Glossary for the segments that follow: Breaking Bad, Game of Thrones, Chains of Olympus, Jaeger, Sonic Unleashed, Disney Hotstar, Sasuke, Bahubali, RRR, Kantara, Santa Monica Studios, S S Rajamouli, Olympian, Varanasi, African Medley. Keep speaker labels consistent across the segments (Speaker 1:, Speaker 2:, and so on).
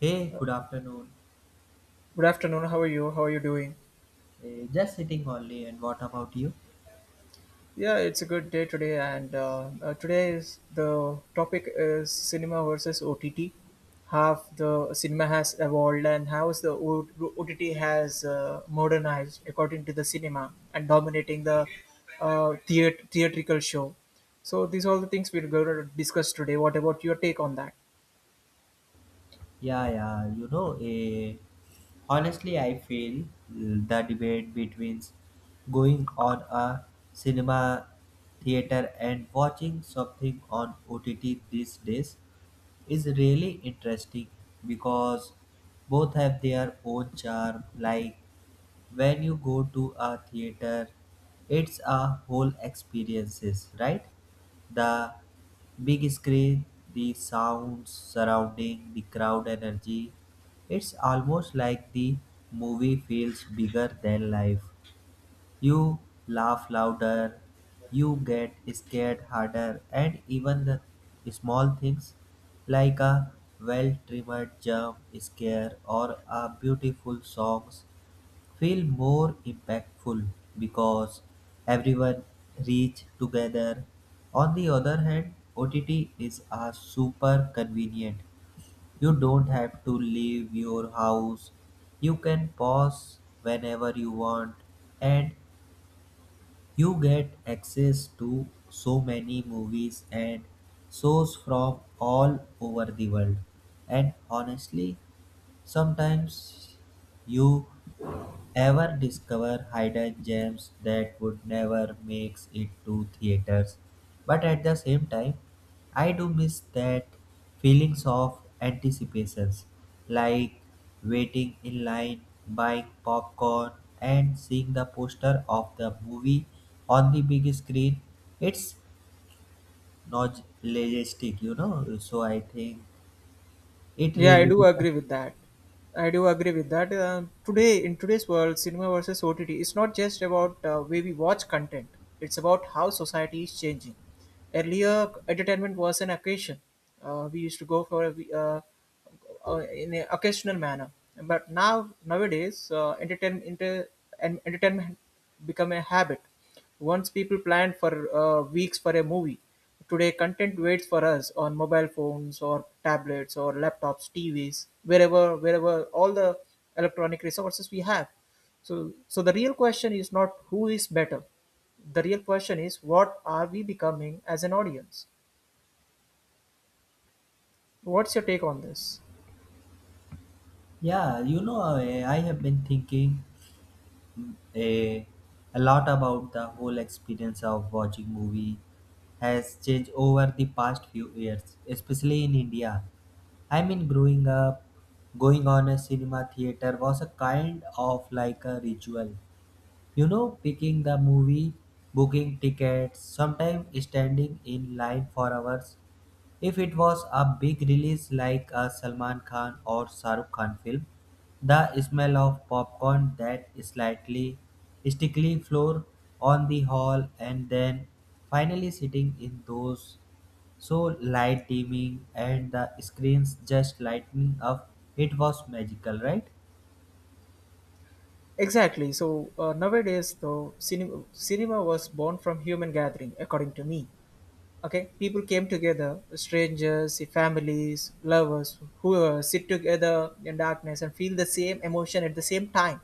Speaker 1: Hey, good afternoon.
Speaker 2: Good afternoon. How are you? How are you doing?
Speaker 1: Just sitting only, and what about you?
Speaker 2: Yeah, it's a good day today, and today is the topic is cinema versus OTT. How the cinema has evolved and how is OTT has modernized according to the cinema and dominating the theatrical show. So these are all the things we're going to discuss today. What about your take on that?
Speaker 1: Yeah. Honestly, I feel the debate between going on a cinema theater and watching something on OTT these days is really interesting because both have their own charm. Like, when you go to a theater, it's a whole experiences, right? The big screen, the sounds surrounding, the crowd energy, it's almost like the movie feels bigger than life. You laugh louder, you get scared harder, and even the small things like a well-trimmed jump scare or a beautiful songs feel more impactful because everyone reach together. On the other hand, OTT is a super convenient. You don't have to leave your house. You can pause whenever you want, and you get access to so many movies and shows from all over the world. And honestly, sometimes you ever discover hidden gems that would never make it to theaters. But at the same time, I do miss that feelings of anticipations, like waiting in line, buying popcorn, and seeing the poster of the movie on the big screen. It's nostalgic. So I think it
Speaker 2: Yeah, I
Speaker 1: really
Speaker 2: do
Speaker 1: depends.
Speaker 2: agree with that. I do agree with that. Today, in today's world, cinema versus OTT, it's not just about way we watch content. It's about how society is changing. Earlier, entertainment was an occasion. We used to go for a, we- In an occasional manner. But now nowadays, entertainment become a habit. Once people planned for weeks for a movie, today content waits for us on mobile phones or tablets or laptops, TVs, wherever all the electronic resources we have. So the real question is not who is better. The real question is what are we becoming as an audience? What's your take on this?
Speaker 1: Yeah. I have been thinking a, a lot about the whole experience of watching movie has changed over the past few years, especially in India. I mean, growing up, going on a cinema theater was a kind of like a ritual. You know, picking the movie, booking tickets, sometimes standing in line for hours. If it was a big release like a Salman Khan or Shah Rukh Khan film, the smell of popcorn, that slightly sticky floor on the hall, and then finally sitting in those so light dimming and the screens just lighting up, it was magical, right?
Speaker 2: Exactly. So nowadays, though, cinema was born from human gathering, according to me. Okay, people came together, strangers, families, lovers, whoever, sit together in darkness and feel the same emotion at the same time.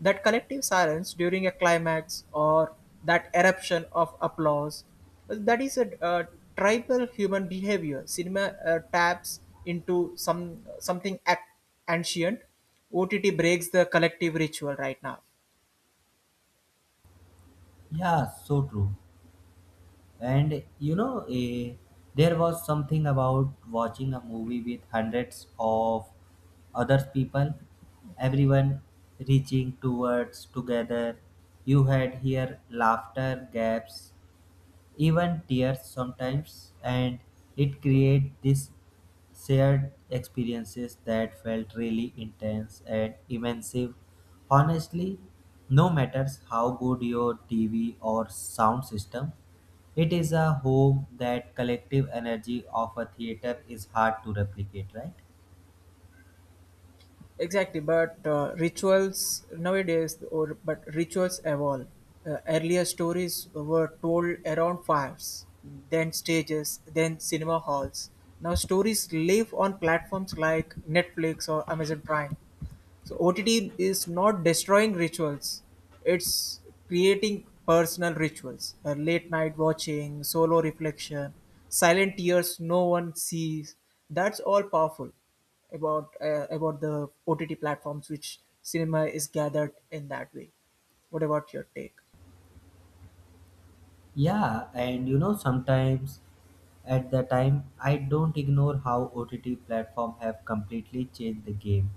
Speaker 2: That collective silence during a climax or that eruption of applause, well, that is a tribal human behavior. Cinema taps into something ancient. OTT breaks the collective ritual right now.
Speaker 1: Yeah, so true. And there was something about watching a movie with hundreds of other people, everyone reaching towards together. You had here laughter gaps, even tears sometimes, and it created this shared experiences that felt really intense and immersive. Honestly, no matters how good your TV or sound system, it is a home that collective energy of a theater is hard to replicate, right?
Speaker 2: Exactly, but rituals nowadays, or but rituals evolve. Earlier stories were told around fires, then stages, then cinema halls. Now stories live on platforms like Netflix or Amazon Prime. So OTT is not destroying rituals; it's creating personal rituals. Late night watching, solo reflection, silent tears no one sees. That's all powerful about the OTT platforms, which cinema is gathered in that way. What about your take?
Speaker 1: Yeah, and you know, sometimes at the time, I don't ignore how OTT platform have completely changed the game.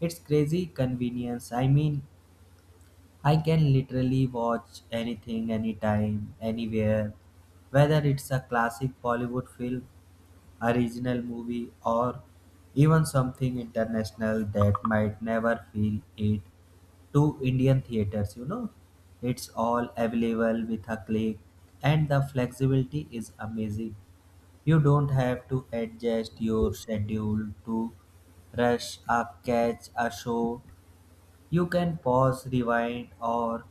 Speaker 1: It's crazy convenience. I mean, I can literally watch anything, anytime, anywhere, whether it's a classic Bollywood film, a regional movie, or even something international that might never feel it to Indian theaters, you know. It's all available with a click, and the flexibility is amazing. You don't have to adjust your schedule to rush a catch a show. You can pause, rewind, or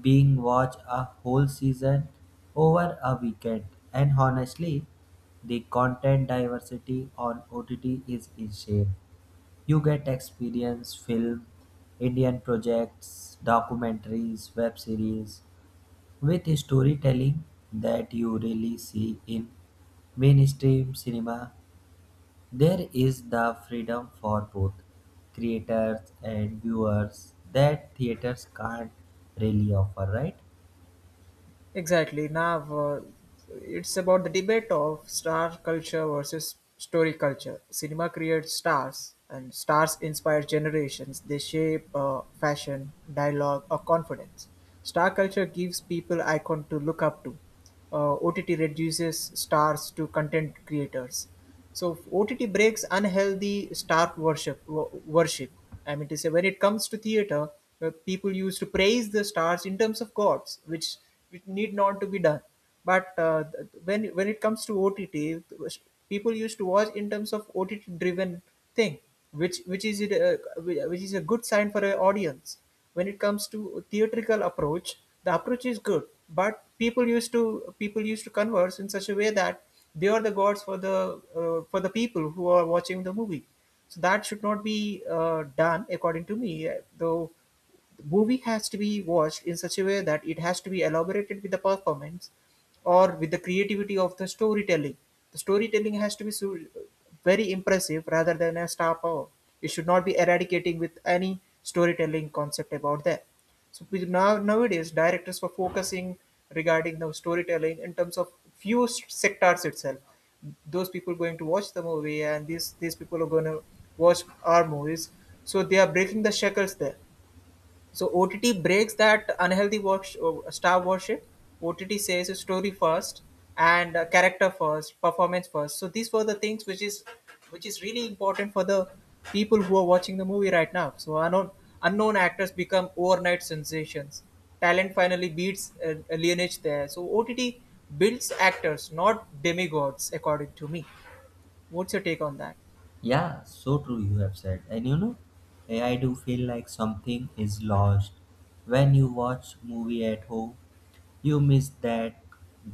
Speaker 1: being watch a whole season over a weekend. And honestly, the content diversity on OTT is insane. You get experience film, Indian projects, documentaries, web series with storytelling that you really see in mainstream cinema. There is the freedom for both creators and viewers that theaters can't really offer, right?
Speaker 2: Exactly. Now it's about the debate of star culture versus story culture. Cinema creates stars, and stars inspire generations. They shape fashion, dialogue, or confidence. Star culture gives people icon to look up to. OTT reduces stars to content creators. So OTT breaks unhealthy star Worship. I mean to say, when it comes to theater, people used to praise the stars in terms of gods, which need not to be done. But when it comes to OTT, people used to watch in terms of OTT-driven thing, which which is it, uh, which is a good sign for an audience. When it comes to theatrical approach, the approach is good, but people used to converse in such a way that they are the gods for the people who are watching the movie. So that should not be done, according to me. Though the movie has to be watched in such a way that it has to be elaborated with the performance or with the creativity of the storytelling. The storytelling has to be very impressive rather than a star power. It should not be eradicating with any storytelling concept about that. So with nowadays directors were focusing regarding the storytelling in terms of few sectors itself. Those people going to watch the movie and these people are going to watch our movies. So they are breaking the shackles there. So OTT breaks that unhealthy watch star worship. OTT says story first and character first, performance first. So these were the things which is really important for the people who are watching the movie right now. So unknown actors become overnight sensations. Talent finally beats a lineage there. So OTT builds actors, not demigods, according to me. What's your take on that?
Speaker 1: Yeah, so true you have said. And you know, I do feel like something is lost. When you watch movie at home, you miss that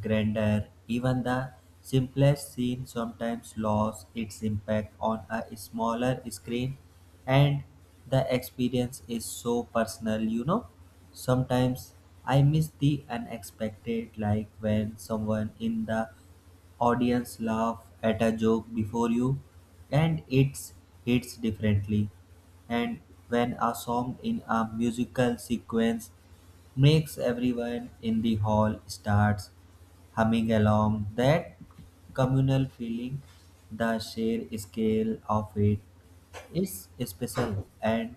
Speaker 1: grandeur. Even the simplest scene sometimes lost its impact on a smaller screen, and the experience is so personal, you know. Sometimes I miss the unexpected, like when someone in the audience laugh at a joke before you and it hits differently, and when a song in a musical sequence makes everyone in the hall starts humming along, that communal feeling, the sheer scale of it is special. And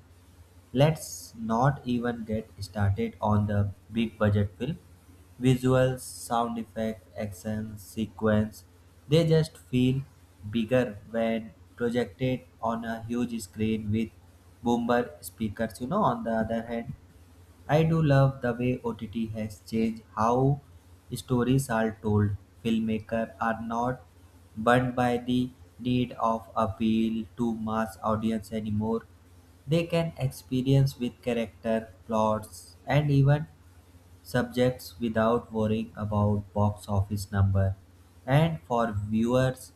Speaker 1: let's not even get started on the big budget film. Visuals, sound effect, action, sequence, they just feel bigger when projected on a huge screen with boomer speakers. You know, on the other hand, I do love the way OTT has changed how stories are told. Filmmakers are not burdened by the need of appeal to mass audience anymore. They can experience with character, plots, and even subjects without worrying about box office number. And for viewers,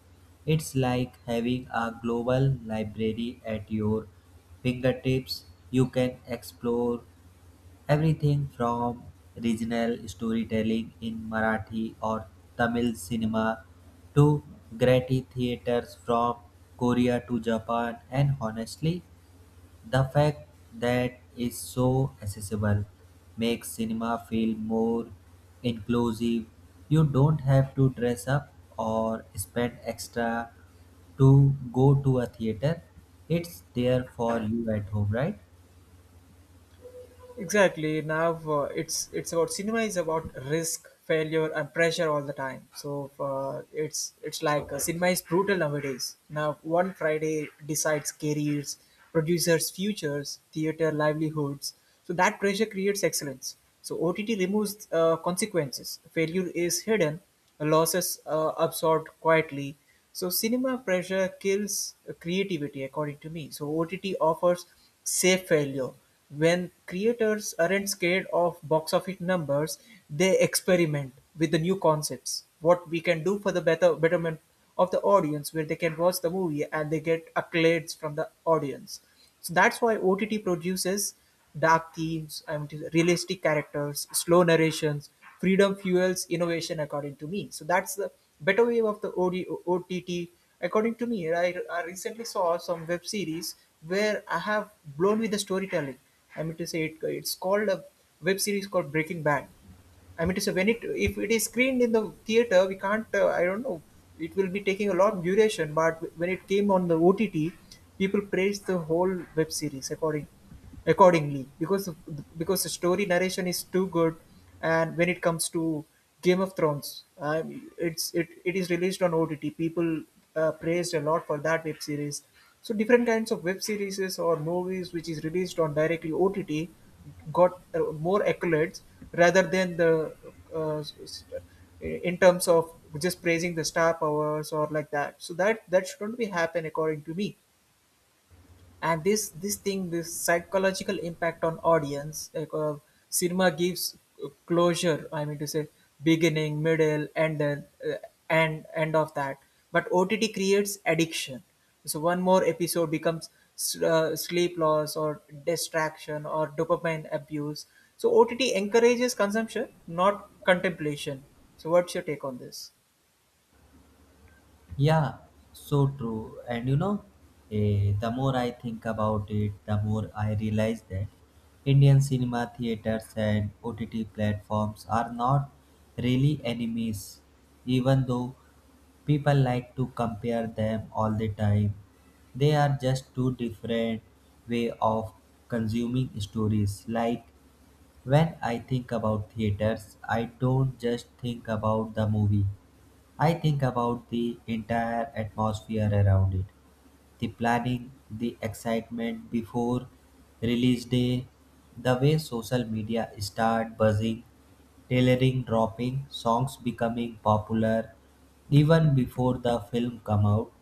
Speaker 1: it's like having a global library at your fingertips. You can explore everything from regional storytelling in Marathi or Tamil cinema to gritty theaters from Korea to Japan, and honestly, the fact that is so accessible makes cinema feel more inclusive. You don't have to dress up or spend extra to go to a theater. It's there for you at home, right?
Speaker 2: Exactly. Now it's about cinema is about risk, failure, and pressure all the time. So it's like cinema is brutal nowadays. Now one Friday decides careers, producers' futures, theater livelihoods. So that pressure creates excellence. So OTT removes consequences. Failure is hidden, losses absorbed quietly, so cinema pressure kills creativity, according to me. So OTT offers safe failure. When creators aren't scared of box office numbers, they experiment with the new concepts. What we can do for the betterment of the audience, where they can watch the movie and they get accolades from the audience. So that's why OTT produces dark themes, I mean, realistic characters, slow narrations. Freedom fuels innovation, according to me. So that's the better way of the OTT. According to me, I recently saw some web series where I have blown with the storytelling. I mean to say, it's called a web series called Breaking Bad. I mean to say when it if it is screened in the theater, we can't. I don't know. It will be taking a lot of duration. But when it came on the OTT, people praised the whole web series accordingly because the story narration is too good, and when it comes to Game of Thrones. It is released on OTT. People praised a lot for that web series. So different kinds of web series or movies which is released on directly OTT got more accolades rather than the uh, s- s- in terms of just praising the star powers or like that. So that shouldn't be happen according to me. And this thing, this psychological impact on audience, like cinema gives closure. I mean to say beginning, middle, and then and end of that, but OTT creates addiction. So one more episode becomes sleep loss or distraction or dopamine abuse. So OTT encourages consumption, not contemplation. So what's your take on this?
Speaker 1: Yeah, so true. And the more I think about it, the more I realize that Indian cinema theaters and OTT platforms are not really enemies, even though people like to compare them all the time. They are just two different way of consuming stories. Like, when I think about theaters, I don't just think about the movie. I think about the entire atmosphere around it, the planning, the excitement before release day, the way social media start buzzing, tailoring dropping, songs becoming popular even before the film come out.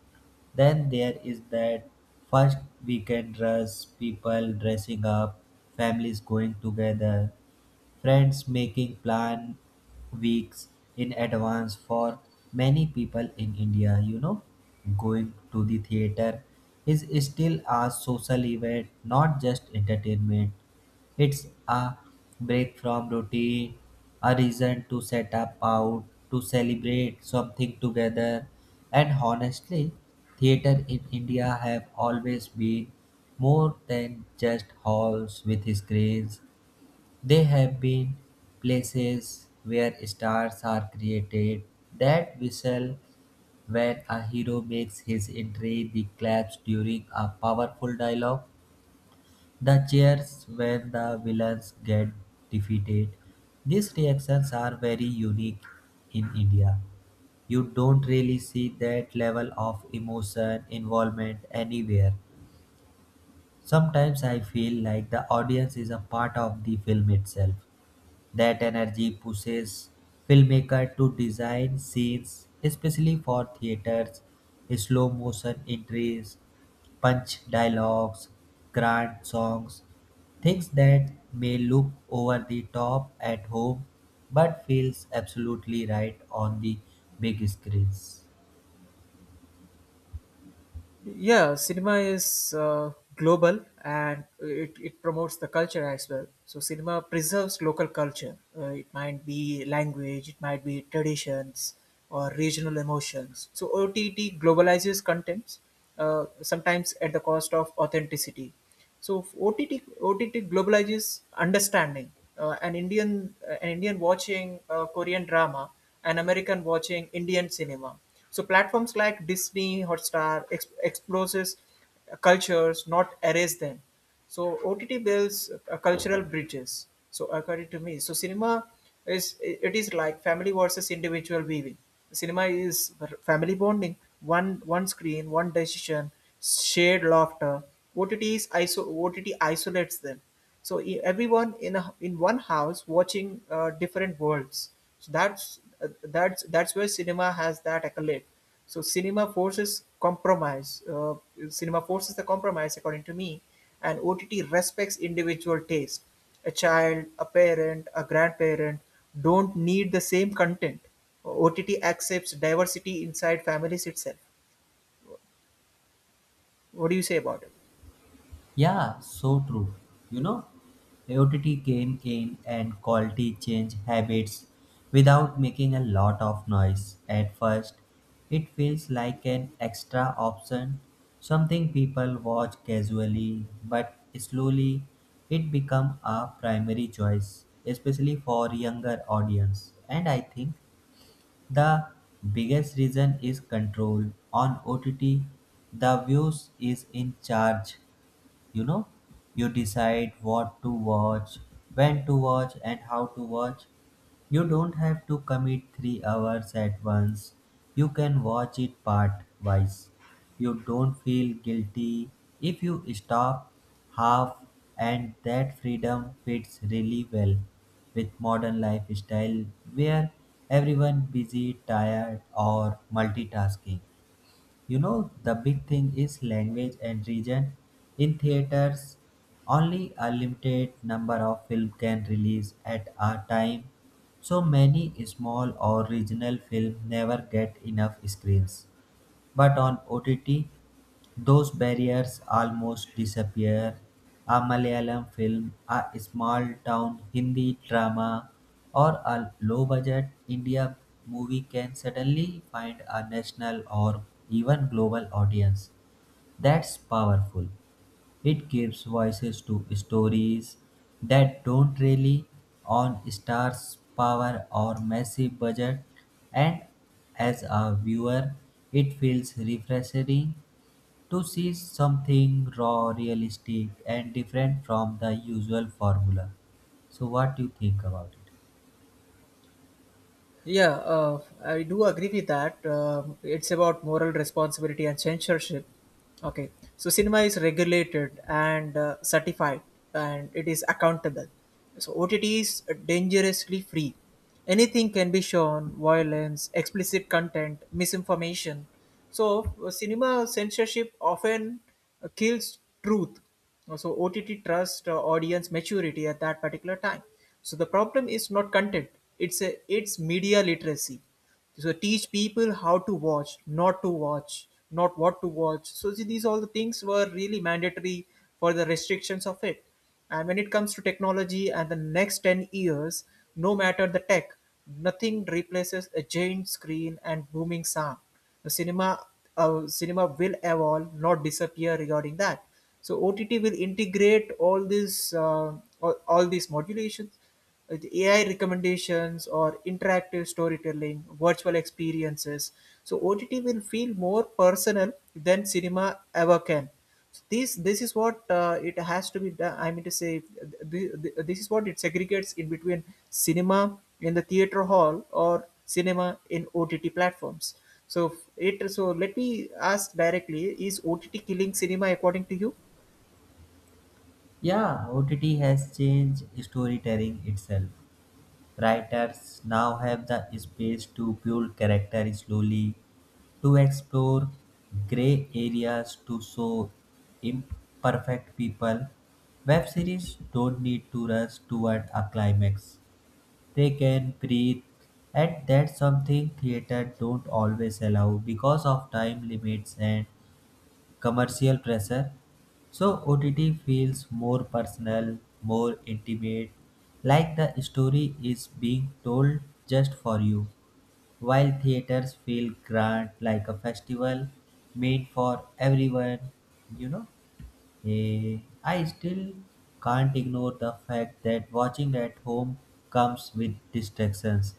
Speaker 1: Then there is that first weekend rush, people dressing up, families going together, friends making plan weeks in advance for many people in India, you know. Going to the theater is still a social event, not just entertainment. It's a break from routine, a reason to set up out, to celebrate something together. And honestly, theater in India have always been more than just halls with screens. They have been places where stars are created. That whistle when a hero makes his entry, the claps during a powerful dialogue, the cheers when the villains get defeated. These reactions are very unique in India. You don't really see that level of emotion involvement anywhere. Sometimes I feel like the audience is a part of the film itself. That energy pushes filmmakers to design scenes especially for theaters, slow motion entries, punch dialogues, grand songs, things that may look over the top at home but feels absolutely right on the big screens.
Speaker 2: Yeah, cinema is global and it promotes the culture as well. So, cinema preserves local culture. It might be language, it might be traditions or regional emotions. So, OTT globalizes contents, sometimes at the cost of authenticity. So OTT globalizes understanding. An Indian watching Korean drama, an American watching Indian cinema. So platforms like Disney, Hotstar exposes cultures, not erase them. So OTT builds cultural bridges. So according to me, so cinema is it is like family versus individual viewing. Cinema is family bonding, one screen, one decision, shared laughter. OTT isolates them, so everyone in a in one house watching different worlds. So that's that's where cinema has that accolade. So cinema forces compromise Cinema forces the compromise, according to me, and OTT respects individual taste. A child, a parent, a grandparent don't need the same content. OTT accepts diversity inside families itself. What do you say about it?
Speaker 1: Yeah, so true. You know, OTT came in and quality change habits without making a lot of noise. At first, it feels like an extra option, something people watch casually, but slowly it become a primary choice, especially for younger audience. And I think the biggest reason is control. On OTT, the views is in charge, you know. You decide what to watch, when to watch, and how to watch. You don't have to commit 3 hours at once, you can watch it part wise. You don't feel guilty if you stop half, and that freedom fits really well with modern lifestyle where everyone busy, tired, or multitasking. You know, the big thing is language and region. In theaters, only a limited number of film can release at a time. So many small or regional film never get enough screens. But on OTT, those barriers almost disappear. A Malayalam film, a small town Hindi drama, or a low budget India movie can suddenly find a national or even global audience. That's powerful. It gives voices to stories that don't rely on stars' power or massive budget, and as a viewer, it feels refreshing to see something raw, realistic, and different from the usual formula. So, what do you think about it?
Speaker 2: Yeah, I do agree with that. It's about moral responsibility and censorship. Okay, so cinema is regulated and certified, and it is accountable. So OTT is dangerously free. Anything can be shown: violence, explicit content, misinformation. So cinema censorship often kills truth. So OTT trust audience maturity at that particular time. So the problem is not content. It's a it's media literacy. So teach people how to watch, not to watch, not what to watch. So see, these all the things were really mandatory for the restrictions of it. And when it comes to technology and the next 10 years, no matter the tech, nothing replaces a giant screen and booming sound. The cinema, cinema will evolve, not disappear regarding that. So OTT will integrate all these, all these modulations with AI recommendations or interactive storytelling, virtual experiences. So OTT will feel more personal than cinema ever can. So this is what it has to be done. I mean to say, this is what it segregates in between cinema in the theater hall or cinema in OTT platforms. So it so let me ask directly: Is OTT killing cinema according to you?
Speaker 1: Yeah, OTT has changed storytelling itself. Writers now have the space to build character slowly, to explore gray areas, to show imperfect people. Web series don't need to rush toward a climax. They can breathe, and that's something theater don't always allow because of time limits and commercial pressure. So OTT feels more personal, more intimate, like the story is being told just for you. While theaters feel grand, like a festival made for everyone, you know. Eh, I still can't ignore the fact that watching at home comes with distractions.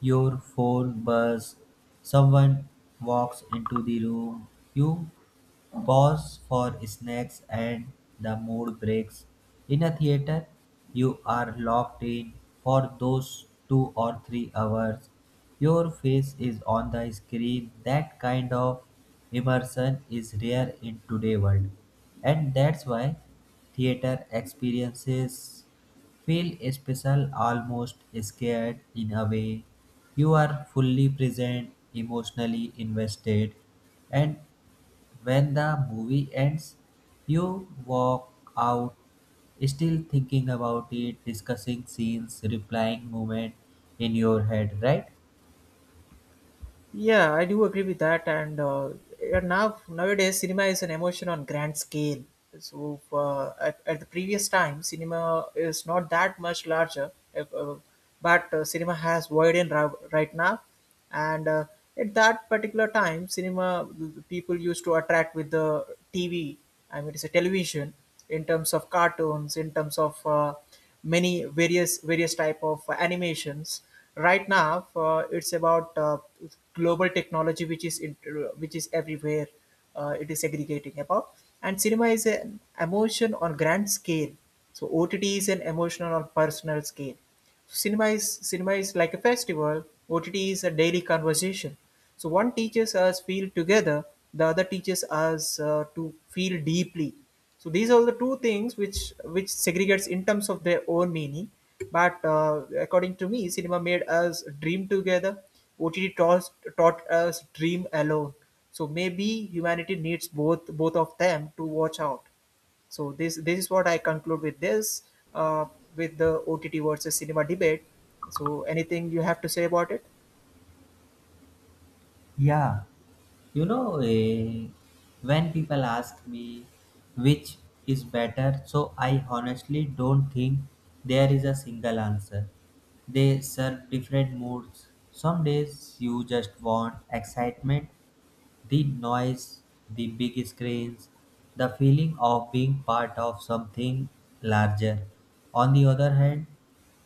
Speaker 1: Your phone buzz, someone walks into the room, you pause for snacks, and the mood breaks. In a theater, you are locked in for those 2 or 3 hours. Your face is on the screen. That kind of immersion is rare in today's world. And that's why theater experiences feel special, almost scared in a way. You are fully present, emotionally invested, and when the movie ends, you walk out still thinking about it, discussing scenes, replying moment in your head, right?
Speaker 2: Yeah, I do agree with that. And yeah, now nowadays, cinema is an emotion on grand scale. So at the previous time, cinema is not that much larger, if, but cinema has void in right now. And at that particular time, cinema people used to attract with the TV. I mean, it's a television in terms of cartoons, in terms of many various type of animations right now. It's about global technology which is which is everywhere. It is aggregating about, and cinema is an emotion on grand scale. So OTT is an emotional on personal scale. Cinema is like a festival. OTT is a daily conversation. So one teaches us feel together, the other teaches us to feel deeply. So these are the two things which segregates in terms of their own meaning. But according to me, cinema made us dream together. OTT taught us dream alone. So maybe humanity needs both of them to watch out. So this is what I conclude with this uh, with the OTT versus cinema debate. So anything you have to say about it?
Speaker 1: Yeah. You know, eh, when people ask me which is better, so I honestly don't think there is a single answer. They serve different moods. Some days you just want excitement, the noise, the big screens, the feeling of being part of something larger. On the other hand,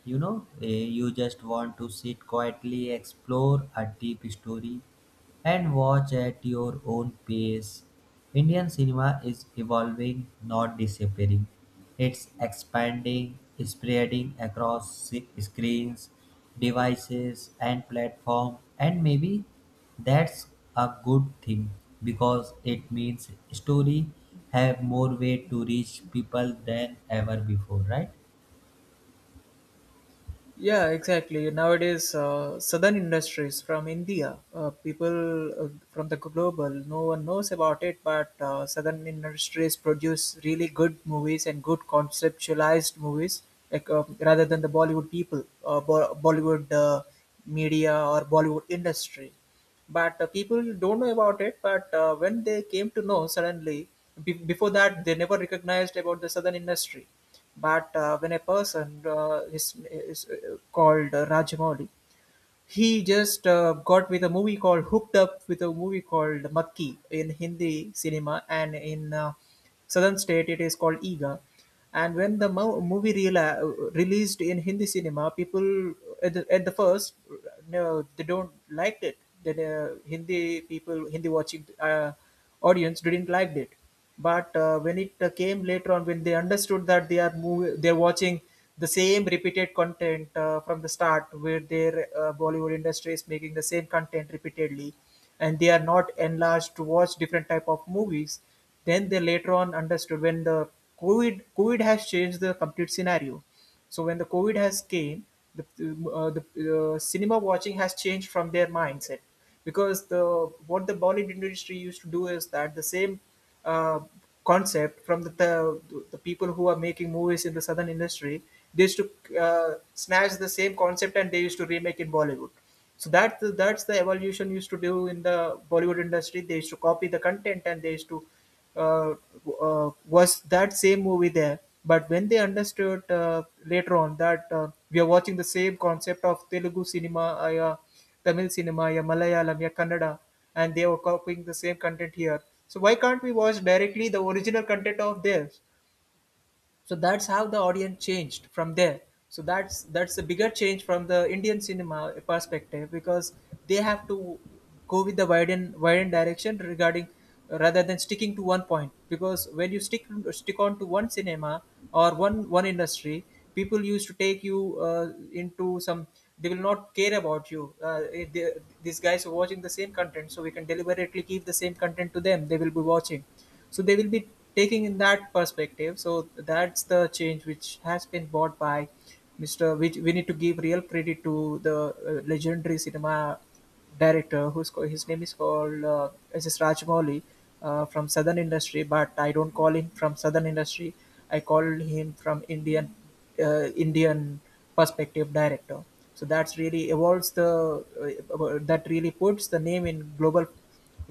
Speaker 1: you know, eh, you just want to sit quietly, explore a deep story, and watch at your own pace. Indian cinema is evolving, not disappearing. It's expanding, spreading across screens, devices, and platform, and maybe that's a good thing because it means story have more way to reach people than ever before, right?
Speaker 2: Yeah, exactly. Nowadays, southern industries from India, people from the global, no one knows about it, but southern industries produce really good movies and good conceptualized movies, like rather than the Bollywood people, Bollywood media or Bollywood industry but people don't know about it but when they came to know suddenly before that they never recognized about the southern industry but when a person is called rajamouli he just got with a movie called Hooked Up with a movie called Makki in Hindi cinema, and in southern state it is called Ega. And when the movie released in Hindi cinema, people at the first no, they don't liked it. The Hindi people, Hindi watching audience didn't liked it but when it came later on, when they understood that they're watching the same repeated content from the start, where their Bollywood industry is making the same content repeatedly, and they are not enlarged to watch different type of movies, then they later on understood when the COVID has changed the complete scenario. So when the COVID has came, the the cinema watching has changed from their mindset because the what the Bollywood industry used to do is that the same uh, concept from the people who are making movies in the southern industry. They used to snatch the same concept and they used to remake in Bollywood. So that's the evolution used to do in the Bollywood industry. They used to copy the content and they used to uh, was that same movie there. But when they understood later on that we are watching the same concept of Telugu cinema, Tamil cinema, ya Malayalam, ya Kannada, and they were copying the same content here. So why can't we watch directly the original content of theirs? So that's how the audience changed from there. So that's a bigger change from the Indian cinema perspective because they have to go with the widen direction regarding, rather than sticking to one point, because when you stick on to one cinema or one industry, people used to take you uh, into some, they will not care about you, they, these guys are watching the same content so we can deliberately keep the same content to them, they will be watching, so they will be taking in that perspective. So that's the change which has been brought by mr, which we need to give real credit to the legendary cinema director who's called, his name is called S S Rajamouli, from Southern Industry, but I don't call him from Southern Industry. I call him from Indian Indian perspective director. So that's really evolves the that really puts the name in global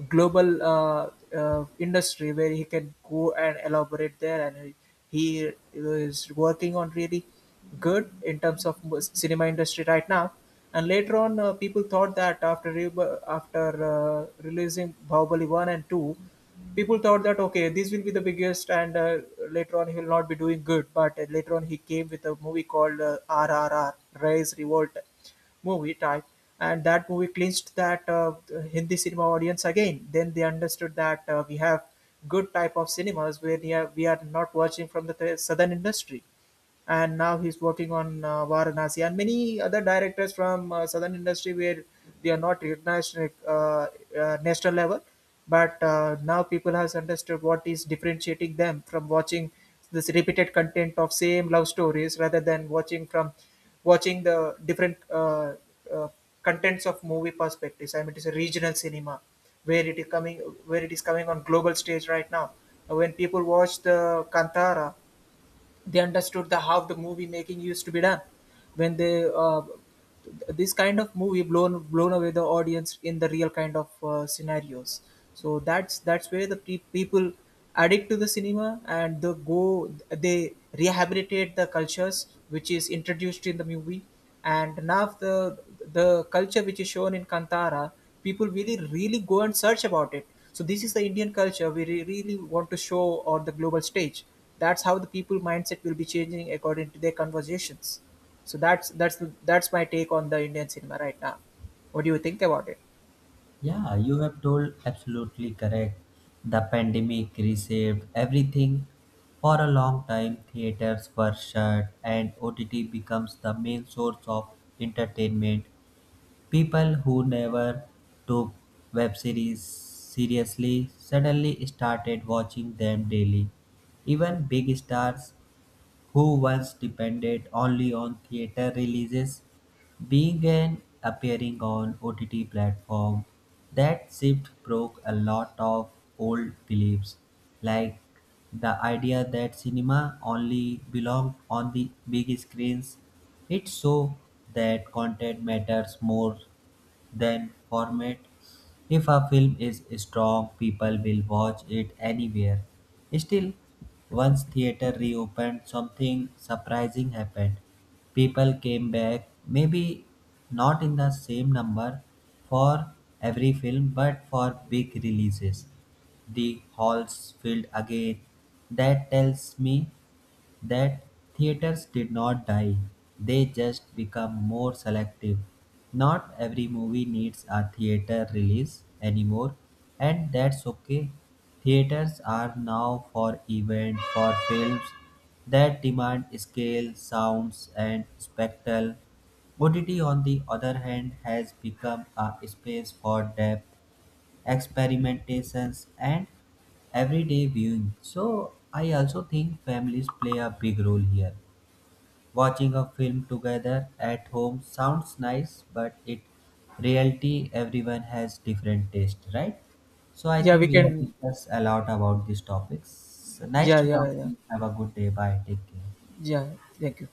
Speaker 2: global uh, uh, industry where he can go and elaborate there, and he is working on really good in terms of cinema industry right now. And later on people thought that after releasing Bahubali 1 and 2, people thought that okay, this will be the biggest, and later on he will not be doing good, but later on he came with a movie called RRR, Rise Revolt movie type, and that movie clinched that Hindi cinema audience again. Then they understood that we have good type of cinemas where we are not watching from the southern industry. And now he's working on Varanasi and many other directors from southern industry where they are not recognized at national level, but now people has understood what is differentiating them from watching this repeated content of same love stories rather than watching from watching the different uh, contents of movie perspectives. I mean, it is a regional cinema where it is coming, where it is coming on global stage right now. When people watch the Kantara, they understood the how the movie making used to be done. When they this kind of movie blown away the audience in the real kind of scenarios, so that's where the people addict to the cinema and the go, they rehabilitate the cultures which is introduced in the movie. And now the culture which is shown in Kantara, people really go and search about it. So this is the Indian culture we really want to show on the global stage. That's how the people mindset will be changing according to their conversations. So that's that's my take on the Indian cinema right now. What do you think about it?
Speaker 1: Yeah, you have told absolutely correct. The pandemic reshaped everything. For a long time, theaters were shut and OTT becomes the main source of entertainment. People who never took web series seriously suddenly started watching them daily. Even big stars who once depended only on theater releases, began appearing on OTT platform. That shift broke a lot of old beliefs, like the idea that cinema only belonged on the big screens. It showed that content matters more than format. If a film is strong, people will watch it anywhere. Still, once theater reopened, something surprising happened. People came back, maybe not in the same number for every film, but for big releases. The halls filled again. That tells me that theaters did not die, they just become more selective. Not every movie needs a theater release anymore, and that's okay. Theaters are now for event for films that demand scale, sounds, and spectacle. OTT, on the other hand, has become a space for depth experimentations and everyday viewing. So I also think families play a big role here. Watching a film together at home sounds nice, but it reality everyone has different taste, right? So I
Speaker 2: Yeah, we
Speaker 1: think we have
Speaker 2: can.
Speaker 1: discussed a lot about these topics. So nice
Speaker 2: Yeah,
Speaker 1: to talk
Speaker 2: yeah,
Speaker 1: to
Speaker 2: yeah,
Speaker 1: you. Have a good day. Bye, take care.
Speaker 2: yeah. Thank you.